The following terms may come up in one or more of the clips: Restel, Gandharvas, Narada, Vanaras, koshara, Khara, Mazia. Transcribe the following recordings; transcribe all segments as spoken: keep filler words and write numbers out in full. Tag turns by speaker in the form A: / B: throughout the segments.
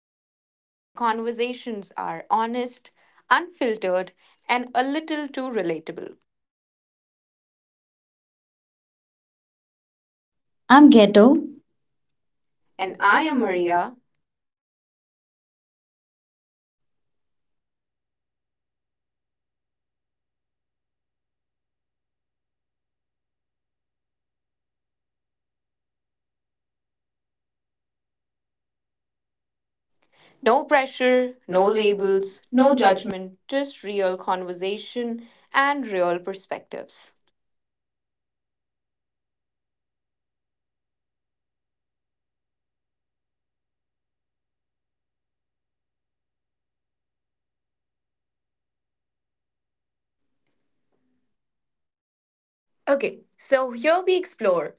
A: to Mazia, where conversations are honest, unfiltered, and a little too relatable.
B: I'm Ghetto. And
A: And
B: I
A: I
B: am
A: am
B: Maria.
A: Maria. No pressure,
B: No
A: no
B: labels,
A: labels,
B: no
A: no
B: judgment.
A: judgment, just real conversation and real perspectives. Okay, so here we explore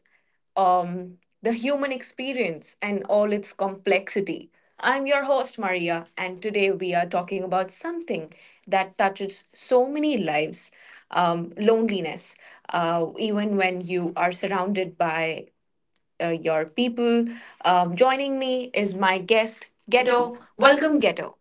A: um, the human experience and all its complexity. I'm your host, Maria, and today we are talking about something that touches so many lives, um, loneliness. Uh, even when you are surrounded by uh, your people. Um, joining me is my guest, Ghetto. Welcome, Ghetto.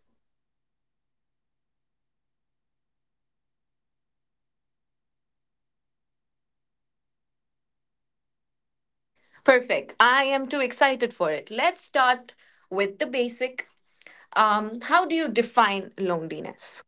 A: Perfect. I am too excited for it. Let's start with the basic. Um, how do you define loneliness?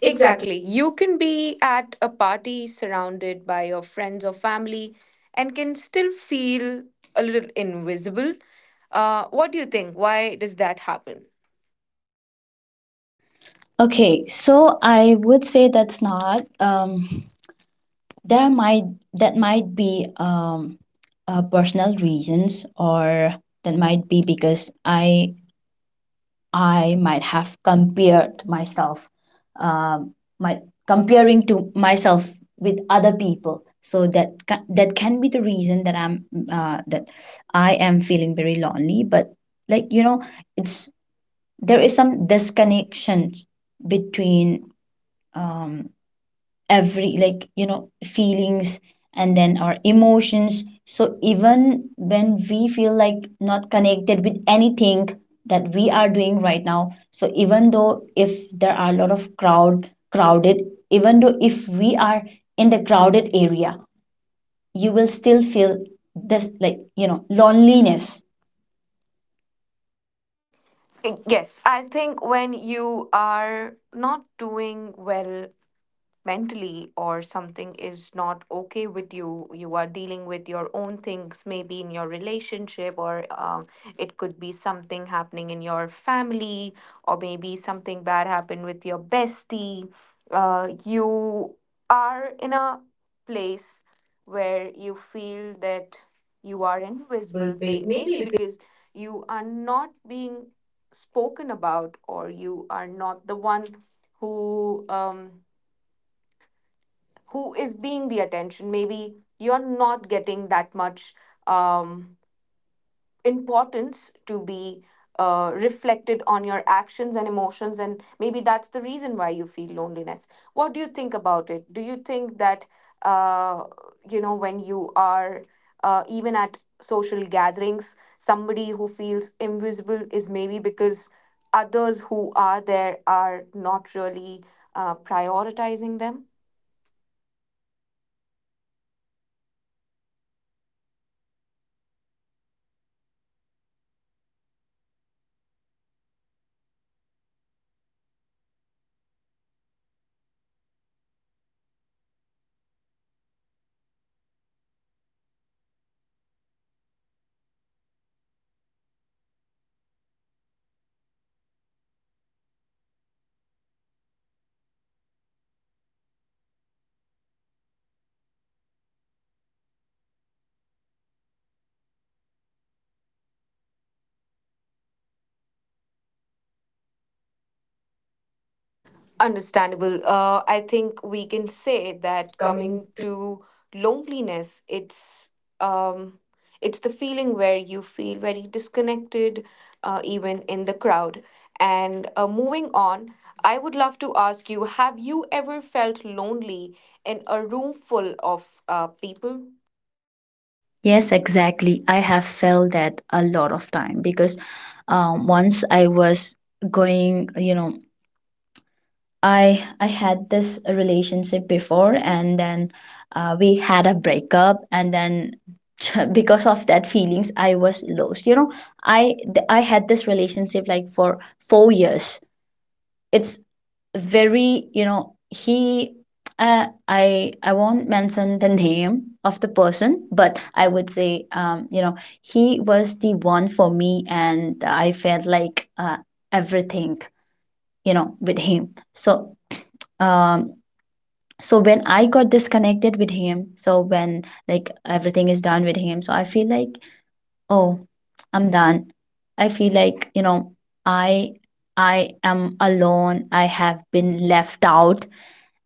B: Exactly.
A: Exactly. You can be at a party surrounded by your friends or family and can still feel a little invisible. Uh, what do you think? Why does that happen?
B: Okay, so I would say that's not. Um, there might that might be um, uh, personal reasons, or that might be because I I might have compared myself, um, my comparing to myself with other people. So that ca- that can be the reason that I'm uh, that I am feeling very lonely. But like you know, it's there is some disconnection between, um, every like you know feelings and then our emotions, so even when we feel like not connected with anything that we are doing right now. So even though if there are a lot of crowd crowded, even though if we are in the crowded area, you will still feel this like you know loneliness.
A: Yes, I think when you are not doing well mentally, or something is not okay with you, you are dealing with your own things, maybe in your relationship, or um, it could be something happening in your family, or maybe something bad happened with your bestie. Uh, you are in a place where you feel that you are
B: This will
A: invisible ba-
B: be maybe
A: maybe
B: because
A: because you are not being spoken about, or you are not the one who um, who is being the attention. Maybe you're not getting that much um, importance to be uh, reflected on your actions and emotions, and maybe that's the reason why you feel loneliness. What do you think about it? Do you think that, uh, you know when you are uh, even at social gatherings, somebody who feels invisible is maybe because others who are there are not really uh, prioritizing them? Understandable. Uh, I think we can say that
B: coming.
A: coming to loneliness, it's um, it's the feeling where you feel very disconnected, uh, even in the crowd. And uh, moving on, I would love to ask you: have you ever felt lonely in a room full of uh, people?
B: Yes, exactly. I have felt that a lot of time. Because um, once I was going, you know, I I had this relationship before, and then uh, we had a breakup, and then because of that feelings, I was lost. You know, I th- I had this relationship like for four years. It's very, you know, he uh, I I won't mention the name of the person, but I would say, um you know he was the one for me, and I felt like uh, everything, you know, with him. So um so when I got disconnected with him, so when like everything is done with him, so I feel like, oh, I'm done. I feel like, you know, I I am alone. I have been left out.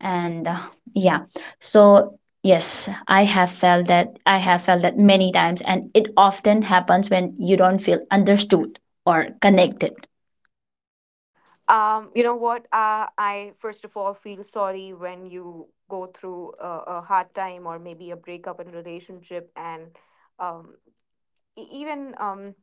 B: And uh, yeah. So, yes, I have felt that. I have felt that many times, and it often happens when you don't feel understood or connected.
A: Um, you know what? Uh, I first of all feel sorry when you go through a, a hard time, or maybe a breakup in a relationship, and um. e- even um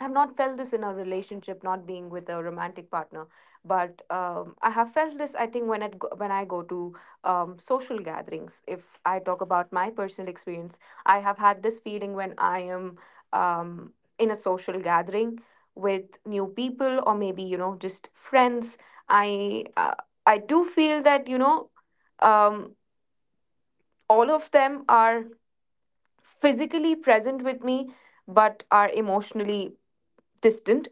A: I've not felt this in a relationship, not being with a romantic partner, but um, I have felt this. I think when it go, when I go to um, social gatherings, if I talk about my personal experience, I have had this feeling when I am um, in a social gathering with new people, or maybe, you know, just friends. I uh, I do feel that, you know, um, all of them are physically present with me, but are emotionally distant.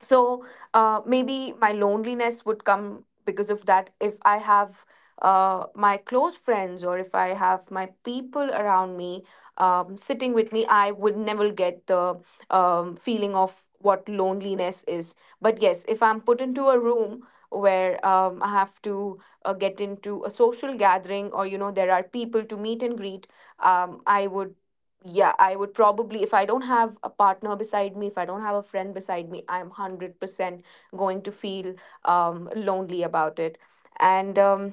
A: So uh, maybe my loneliness would come because of that. If I have uh, my close friends, or if I have my people around me um, sitting with me, I would never get the um, feeling of what loneliness is. But yes, if I'm put into a room where um, I have to uh, get into a social gathering, or you know, there are people to meet and greet, um, I would yeah, I would probably, if I don't have a partner beside me, if I don't have a friend beside me, I'm one hundred percent going to feel um, lonely about it. And um,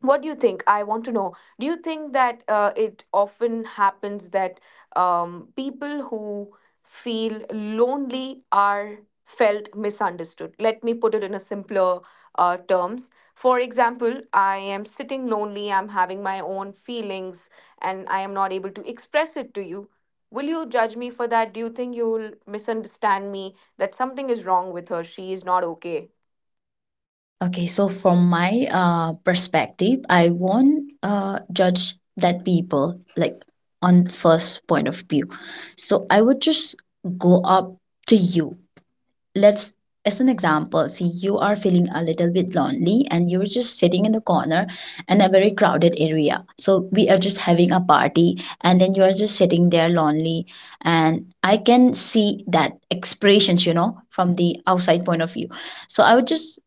A: what do you think? I want to know, do you think that uh, it often happens that um, people who feel lonely are felt misunderstood? Let me put it in a simpler uh, terms. For example, I am sitting lonely, I'm having my own feelings, and I am not able to express it to you. Will you judge me for that? Do you think you will misunderstand me, that something is wrong with her, she is not okay?
B: Okay, so from my uh, perspective, I won't uh, judge that people like on first point of view. So I would just go up to you. Let's, as an example, see you are feeling a little bit lonely and you're just sitting in the corner in a very crowded area. So we are just having a party, and then you are just sitting there lonely, and I can see that expressions, you know, from the outside point of view. So I would just,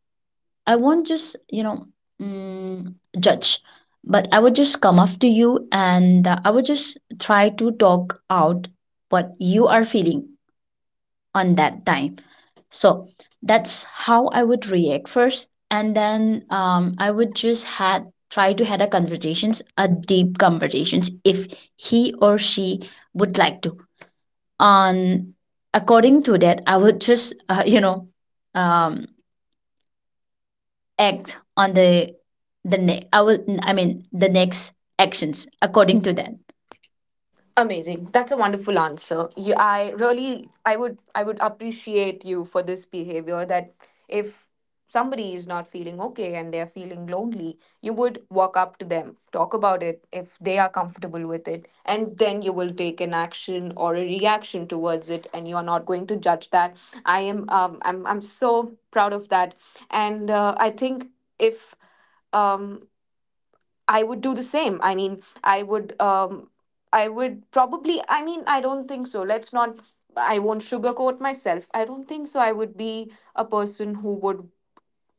B: I won't just, you know, mm, judge, but I would just come up to you, and uh, I would just try to talk out what you are feeling on that time. So that's how I would react first, and then um, I would just had try to had a conversations, a deep conversations, if he or she would like to. On according to that, I would just uh, you know um, act on the the ne- I will, I mean the next actions according to that.
A: Amazing. That's a wonderful answer. You, I really, I would, I would appreciate you for this behavior. That if somebody is not feeling okay and they're feeling lonely, you would walk up to them, talk about it if they are comfortable with it, and then you will take an action or a reaction towards it, and you are not going to judge that. I am, um, I'm, I'm so proud of that, and uh, I think if, um, I would do the same. I mean, I would um I would probably, I mean, I don't think so. Let's not I won't sugarcoat myself. I don't think so. I would be a person who would,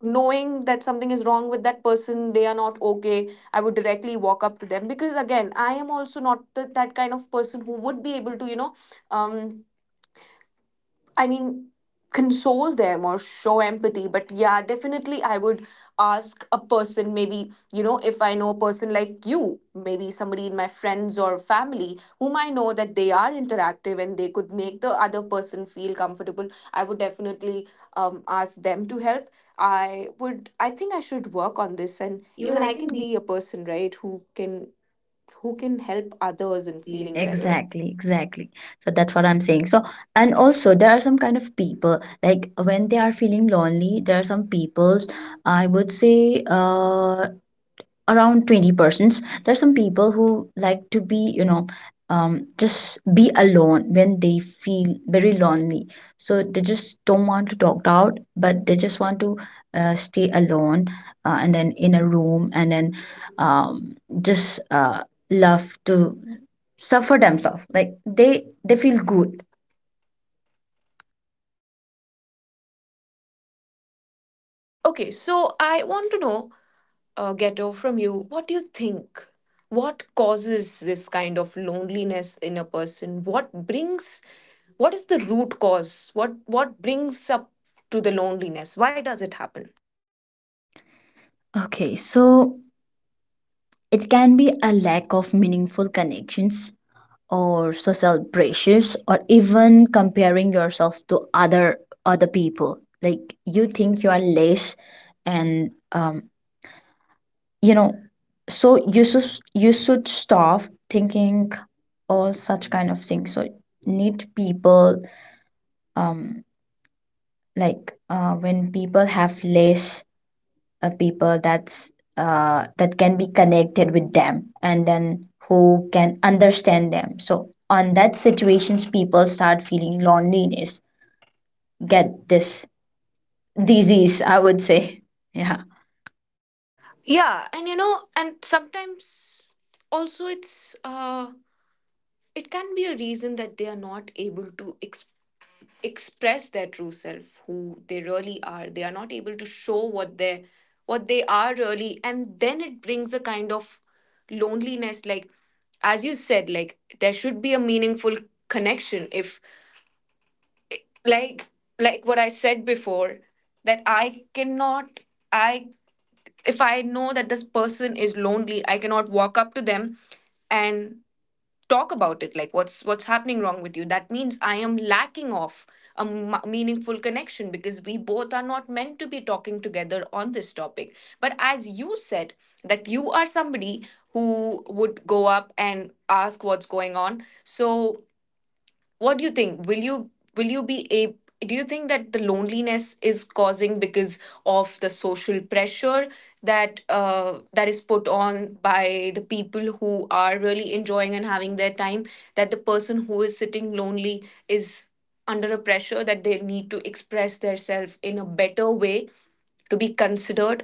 A: knowing that something is wrong with that person, they are not okay, I would directly walk up to them, because again, I am also not the, that kind of person who would be able to, you know, um I mean, console them or show empathy. But yeah, definitely I would ask a person, maybe, you know, if I know a person like you, maybe somebody in my friends or family whom I know that they are interactive and they could make the other person feel comfortable, I would definitely um, ask them to help. I would, I think I should work on this. And
B: Even
A: even
B: I
A: I
B: can
A: can
B: be.
A: be a person, right, who can. Who can help others
B: And
A: in
B: feeling
A: feeling
B: better.
A: better?
B: Exactly, exactly. So that's what I'm saying. So, and also there are some kind of people like when they are feeling lonely. There are some peoples, I would say uh around twenty persons, are some people who like to be, you know, um, just be alone when they feel very lonely. So they just don't want to talk out, but they just want to uh, stay alone uh, and then in a room, and then um, just uh, love to suffer themselves, like they they feel good.
A: Okay, so I want to know, uh, Ghetto, from you, what do you think? What causes this kind of loneliness in a person? What brings? What is the root cause? What what brings up to the loneliness? Why does it happen?
B: Okay, so it can be a lack of meaningful connections, or social pressures, or even comparing yourself to other other people, like you think you are less. And um, you know, so you should, you should stop thinking all such kind of things. So need people, um like uh, when people have less uh, people that's uh, that can be connected with them and then who can understand them, so on that situations people start feeling loneliness, get this disease, I would say. Yeah.
A: Yeah, and you know, and sometimes also it's, uh, it can be a reason that they are not able to express express their true self, who they really are. They are not able to show what they, what they are really, and then it brings a kind of loneliness. Like as you said, like there should be a meaningful connection. If like like what I said before, that i cannot i if I know that this person is lonely, I cannot walk up to them and talk about it, like what's what's happening wrong with you. That means I am lacking of a m- meaningful connection, because we both are not meant to be talking together on this topic. But as you said, that you are somebody who would go up and ask what's going on. So what do you think? Will you will you be a Do you think that the loneliness is causing because of the social pressure, that uh, that is put on by the people who are really enjoying and having their time, that the person who is sitting lonely is under a pressure that they need to express themselves in a better way to be considered?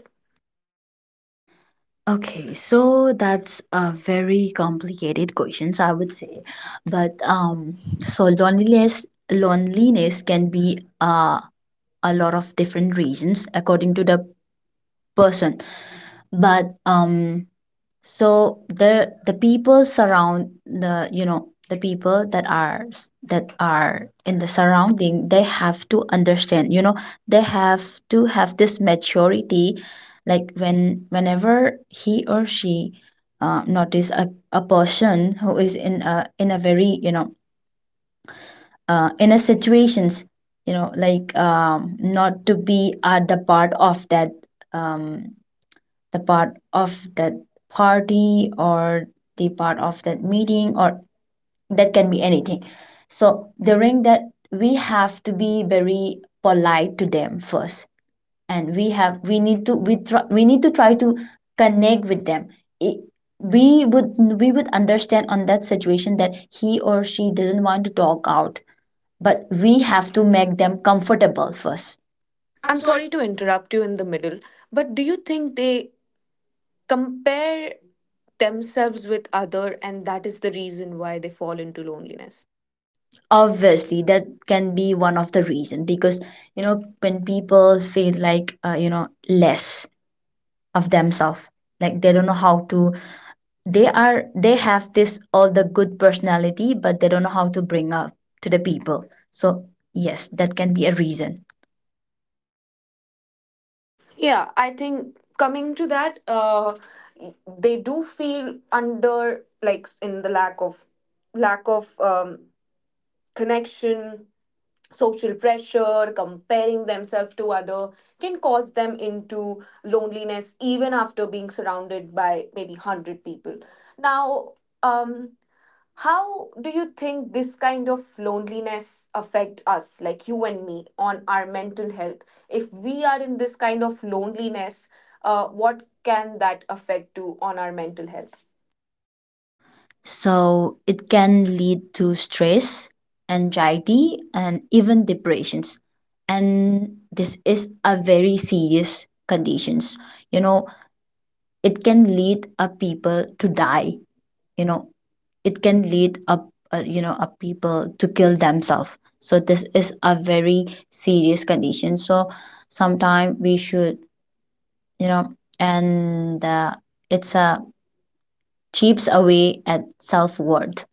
B: Okay, so that's a very complicated questions, I would say. But um, so loneliness loneliness can be uh, a lot of different reasons according to the person. But um, so the the people surround the, you know, the people that are s- that are in the surrounding, they have to understand, you know, they have to have this maturity. Like when whenever he or she uh, notice a, a person who is in a in a very, you know, uh, in a situations, you know, like um not to be at the part of that, um the part of that party, or the part of that meeting, or that can be anything. So during that, we have to be very polite to them first, and we have, we need to, we try, we need to try to connect with them. It, we would, we would understand on that situation that he or she doesn't want to talk out, but we have to make them comfortable first. I'm
A: I'm
B: sorry.
A: sorry to interrupt you in the middle, but do you think they compare themselves with other, and that is the reason why they fall into loneliness?
B: Obviously that can be one of the reason. Because you know when people feel like, uh, you know, less of themselves, like they don't know how to, they are, they have this all the good personality, but they don't know how to bring up to the people. So yes, that can be a reason.
A: Yeah, I think coming to that, uh they do feel under, like in the lack of, lack of um, connection, social pressure, comparing themselves to other, can cause them into loneliness even after being surrounded by maybe one hundred people now. um How do you think this kind of loneliness affect us, like you and me, on our mental health? If we are in this kind of loneliness, uh, what can that affect to on our mental health?
B: So it can lead to stress, anxiety, and even depressions. And this is a very serious conditions, you know. It can lead a people to die, you know. It can lead up, uh, you know, a people to kill themselves. So this is a very serious condition. So sometime we should, you know, and uh, it's a chips away at self-worth.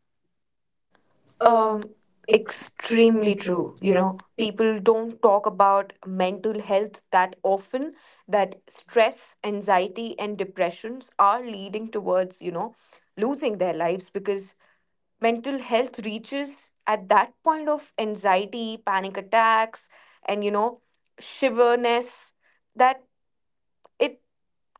B: um
A: um
B: extremely
A: Extremely
B: true,
A: true,
B: you
A: you
B: know.
A: know, people don't talk about mental health that often, that stress, anxiety and depressions are leading towards, you know, losing their lives, because mental health reaches at that point of anxiety, panic attacks, and you know, shiverness, that it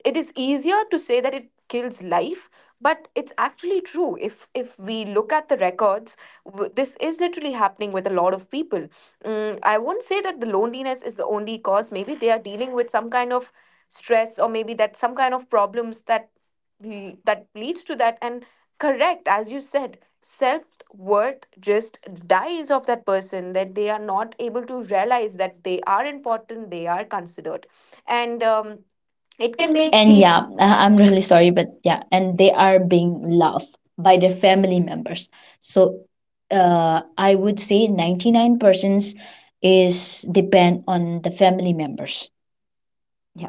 A: it is easier to say that it kills life, but it's actually true. If if we look at the records, w- this is literally happening with a lot of people. mm, I won't say that the loneliness is the only cause. Maybe they are dealing with some kind of stress, or maybe that some kind of problems that l- that leads to that. And correct, as you said, self worth just dies of that person, that they are not able to realize that they are important, they are considered. And um it can make
B: And
A: people.
B: yeah,
A: Yeah,
B: I- I'm really sorry, but yeah, and they are being loved by their family members. So uh, I would say ninety-nine persons is depend on the family members. Yeah.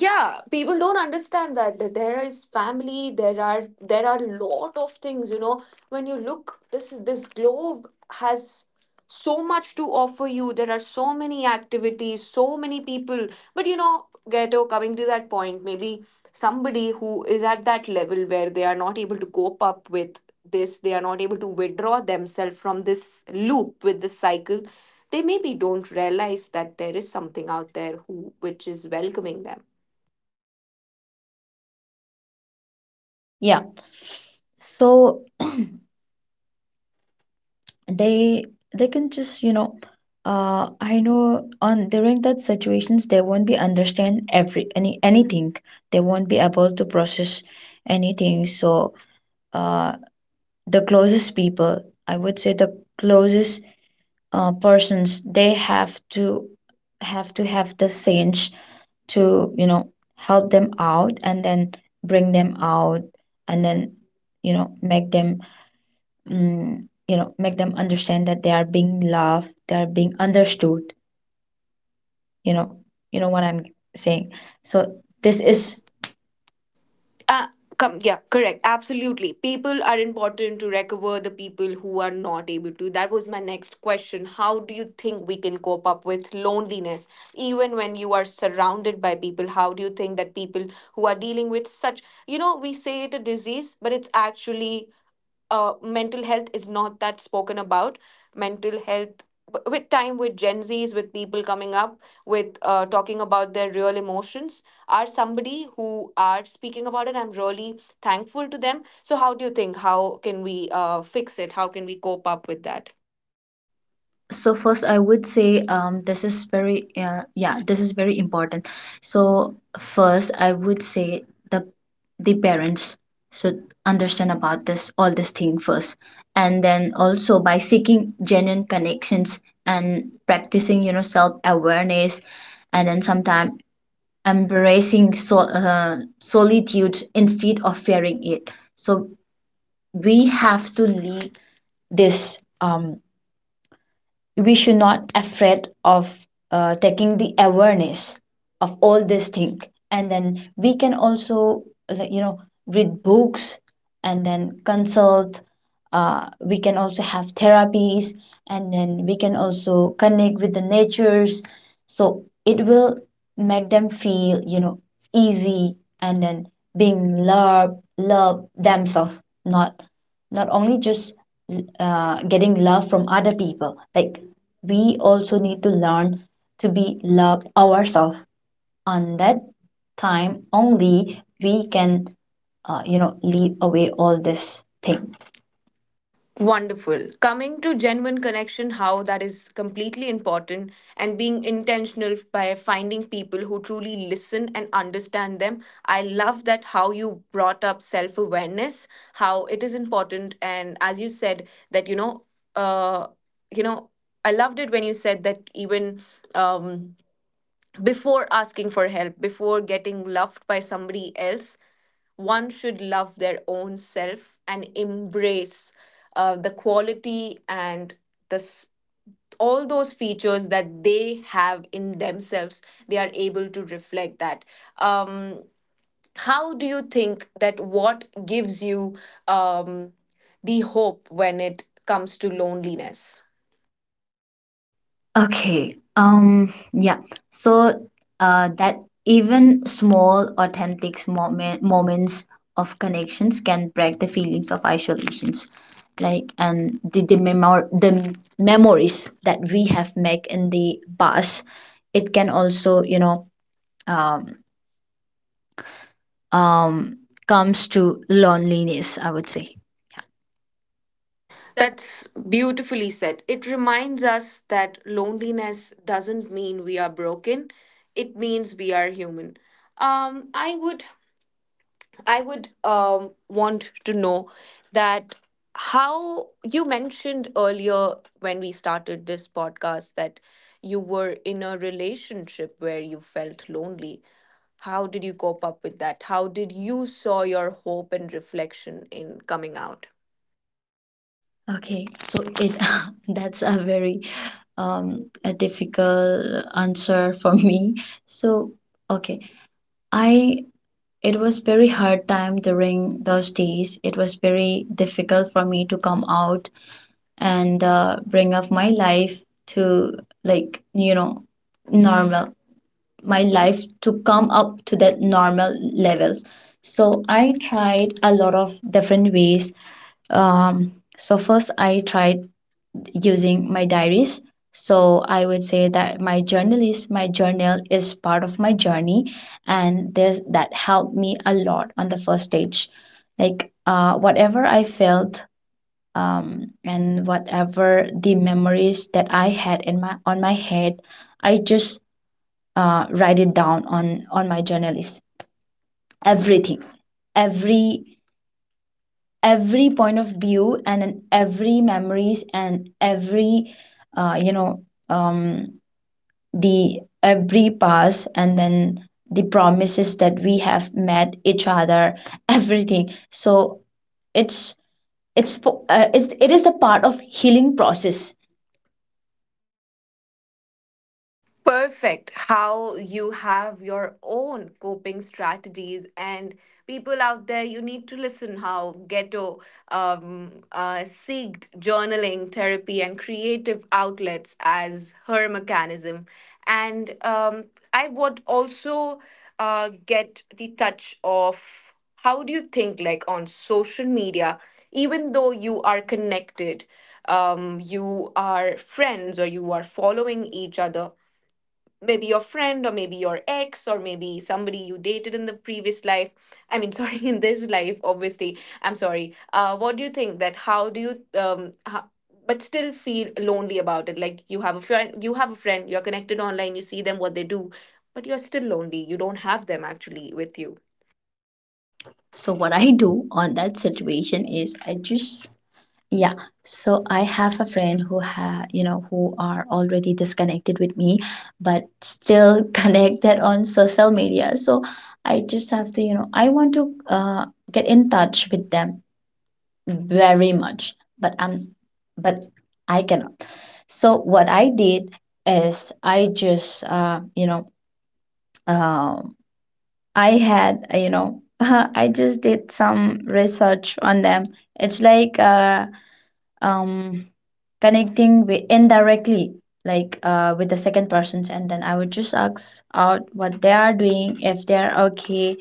A: yeah, people don't understand that, that there is family, there are, there are lot of things, you know. When you look, this is, this globe has so much to offer you. There are so many activities, so many people. But you know, Ghetto, coming to that point, maybe somebody who is at that level where they are not able to cope up with this, they are not able to withdraw themselves from this loop, with this cycle, they maybe don't realize that there is something out there who, which is welcoming them.
B: Yeah. So they they can just, you know, uh I know on during that situations they won't be understand every any anything. They won't be able to process anything. So uh the closest people, I would say the closest uh, persons, they have to, have to have the sense to, you know, help them out, and then bring them out, and then, you know, make them, mm, you know, make them understand that they are being loved, they are being understood, you know. You know what I'm saying. So this
A: Is
B: is.
A: is uh, come Yeah, correct, absolutely, people are important to recover the people who are not able to. That was my next question: how do you think we can cope up with loneliness even when you are surrounded by people? How do you think that people who are dealing with such, you know, we say it a disease, but it's actually, uh, mental health is not that spoken about. Mental health, w- with time, with Gen Zs, with people coming up with uh, talking about their real emotions, are somebody who are speaking about it. I'm really thankful to them. So, how do you think? How can we uh, fix it? How can we cope up with that?
B: So first I would say, um, this is very uh, yeah this is very important. So first I would say the the parents should understand about this all this thing first. And then also by seeking genuine connections, and practicing, you know, self awareness, and then sometimes embracing, so, uh, solitude instead of fearing it. So we have to lead this, um, we should not afraid of uh, taking the awareness of all this thing. And then we can also, like, you know, read books, and then consult, uh, we can also have therapies, and then we can also connect with the natures. So it will make them feel, you know, easy. And then being love, love themselves, not not only just uh, getting love from other people. Like we also need to learn to be love ourselves, and that time only we can uh, you know, leave away all this thing.
A: Wonderful. Coming to genuine connection, how that is completely important, and being intentional by finding people who truly listen and understand them. I love that how you brought up self awareness, how it is important. And as you said, that, you know, uh, you know, I loved it when you said that even um, before asking for help, before getting loved by somebody else, one should love their own self and embrace uh, the quality and the s- all those features that they have in themselves, they are able to reflect that. um, how do you think that what gives you um, the hope when it comes to loneliness?
B: Okay. Um. Yeah. So, uh, that even small, authentic moment moments of connections can break the feelings of isolations, like and the the memor- the memories that we have made in the past. It can also, you know, um, um, comes to loneliness, I would say. That.
A: That's beautifully said. It reminds us that loneliness doesn't mean we are broken, it means we are human. Um, I would I would um, want to know that how you mentioned earlier when we started this podcast that you were in a relationship where you felt lonely. How did you cope up with that? How did you saw your hope and reflection in coming out?
B: Okay, so it, that's a very um a difficult answer for me. So okay, I, it was very hard time during those days. It was very difficult for me to come out and uh, bring up my life to, like you know, normal, my life to come up to that normal levels. So I tried a lot of different ways. um, so first I tried using my diaries. So I would say that my journal is my journal is part of my journey, and this, that helped me a lot on the first stage. Like uh, whatever I felt, um, and whatever the memories that I had in my, on my head, I just uh, write it down on on my journal list, everything, every every point of view, and then every memories, and every uh, you know um, the every past, and then the promises that we have met each other, everything. So it's, it's po- uh, it's, it is a part of healing process.
A: Perfect, how you have your own coping strategies, and people out there, you need to listen how Ghetto um, uh, seeked journaling therapy and creative outlets as her mechanism. And um, I would also uh, get the touch of, how do you think, like, on social media, even though you are connected, um, you are friends or you are following each other, maybe your friend or maybe your ex or maybe somebody you dated in the previous life. I mean sorry, in this life obviously. I'm sorry. Uh what do you think that, how do you um how, but still feel lonely about it? Like, you have a friend, you have a friend, you're connected online, you see them what they do, but you're still lonely, you don't have them actually with you.
B: So what I do on that situation is I just. Yeah. So I have a friend who ha you know, who are already disconnected with me, but still connected on social media. So I just have to, you know, I want to uh, get in touch with them very much, but I'm, but I cannot. So what I did is I just, uh, you know, um I had, uh, you know, I just did some research on them. It's like, uh, um, connecting with indirectly, like uh, with the second persons, and then I would just ask out what they are doing, if they are okay,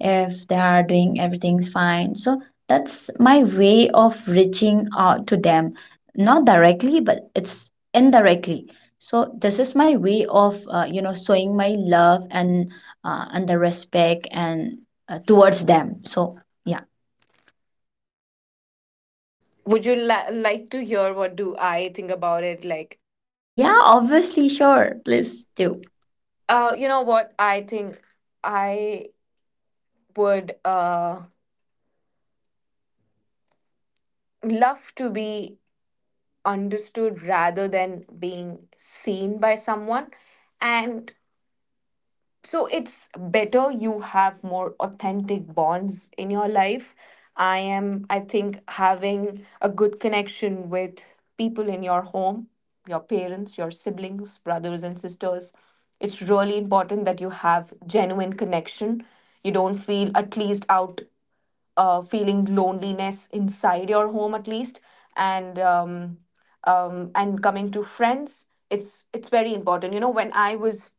B: if they are doing everything's fine. So that's my way of reaching out to them, not directly, but it's indirectly. So this is my way of, uh, you know, showing my love, and uh, and the respect, and uh, towards them. So yeah.
A: Would you li- like to hear what do I think about it? Like,
B: Yeah, obviously, sure, please do.
A: uh, you know what? I think I would uh love to be understood rather than being seen by someone. And so it's better you have more authentic bonds in your life. I am, I think having a good connection with people in your home, your parents, your siblings, brothers and sisters, it's really important that you have genuine connection. You don't feel at least out, uh, feeling loneliness inside your home at least. And um, um, and coming to friends, it's it's very important. You know, when i was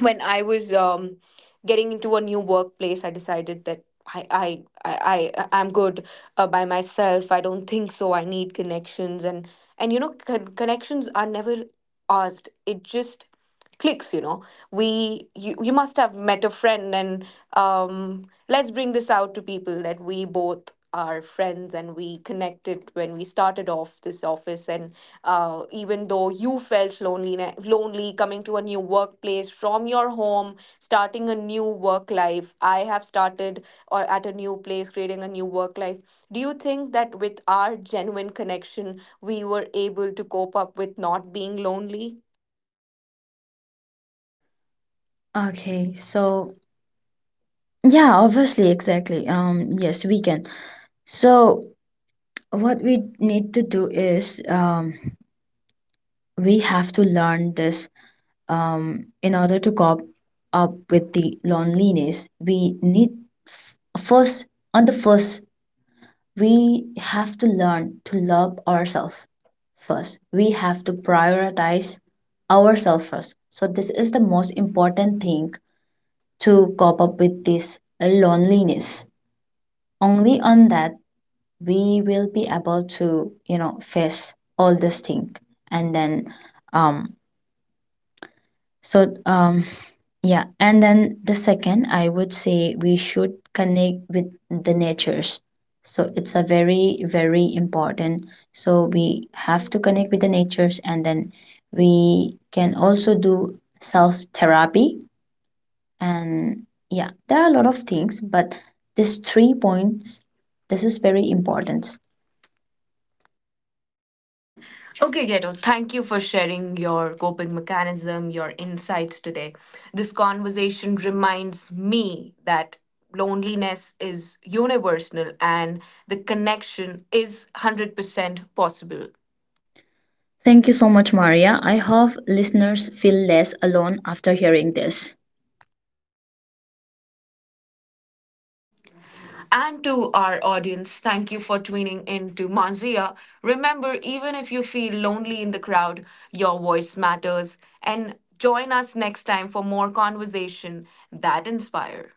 A: when I was um, getting into a new workplace, I decided that I I I I I'm good uh, by myself. I don't think so, I need connections. and and you know, con- connections are never asked. It just clicks. You know, we, you you must have met a friend, and um, let's bring this out to people that we both our friends, and we connected when we started off this office. And uh, even though you felt lonely lonely coming to a new workplace from your home, starting a new work life, I have started, or at a new place creating a new work life, do you think that with our genuine connection we were able to cope up with not being lonely?
B: Okay, so yeah, obviously, exactly. Um, yes, we can. So what we need to do is, um, we have to learn this, um, in order to cope up with the loneliness. We need, f- first, on the first, we have to learn to love ourselves first. We have to prioritize ourselves first. So this is the most important thing to cope up with this loneliness. Only on that we will be able to, you know, face all this thing. And then um so um yeah. And then the second, I would say, we should connect with the natures. So it's a very very important. So we have to connect with the natures, and then we can also do self therapy. And yeah, there are a lot of things, but these three points, this is very important.
A: Okay, Ghetto, thank you for sharing your coping mechanism, your insights today. This conversation reminds me that loneliness is universal and the connection is one hundred percent possible.
B: Thank you so much, Maria. I hope listeners feel less alone after hearing this.
A: And to our audience, thank you for tuning in to Mazia. Remember, even if you feel lonely in the crowd, your voice matters. And join us next time for more conversation that inspire.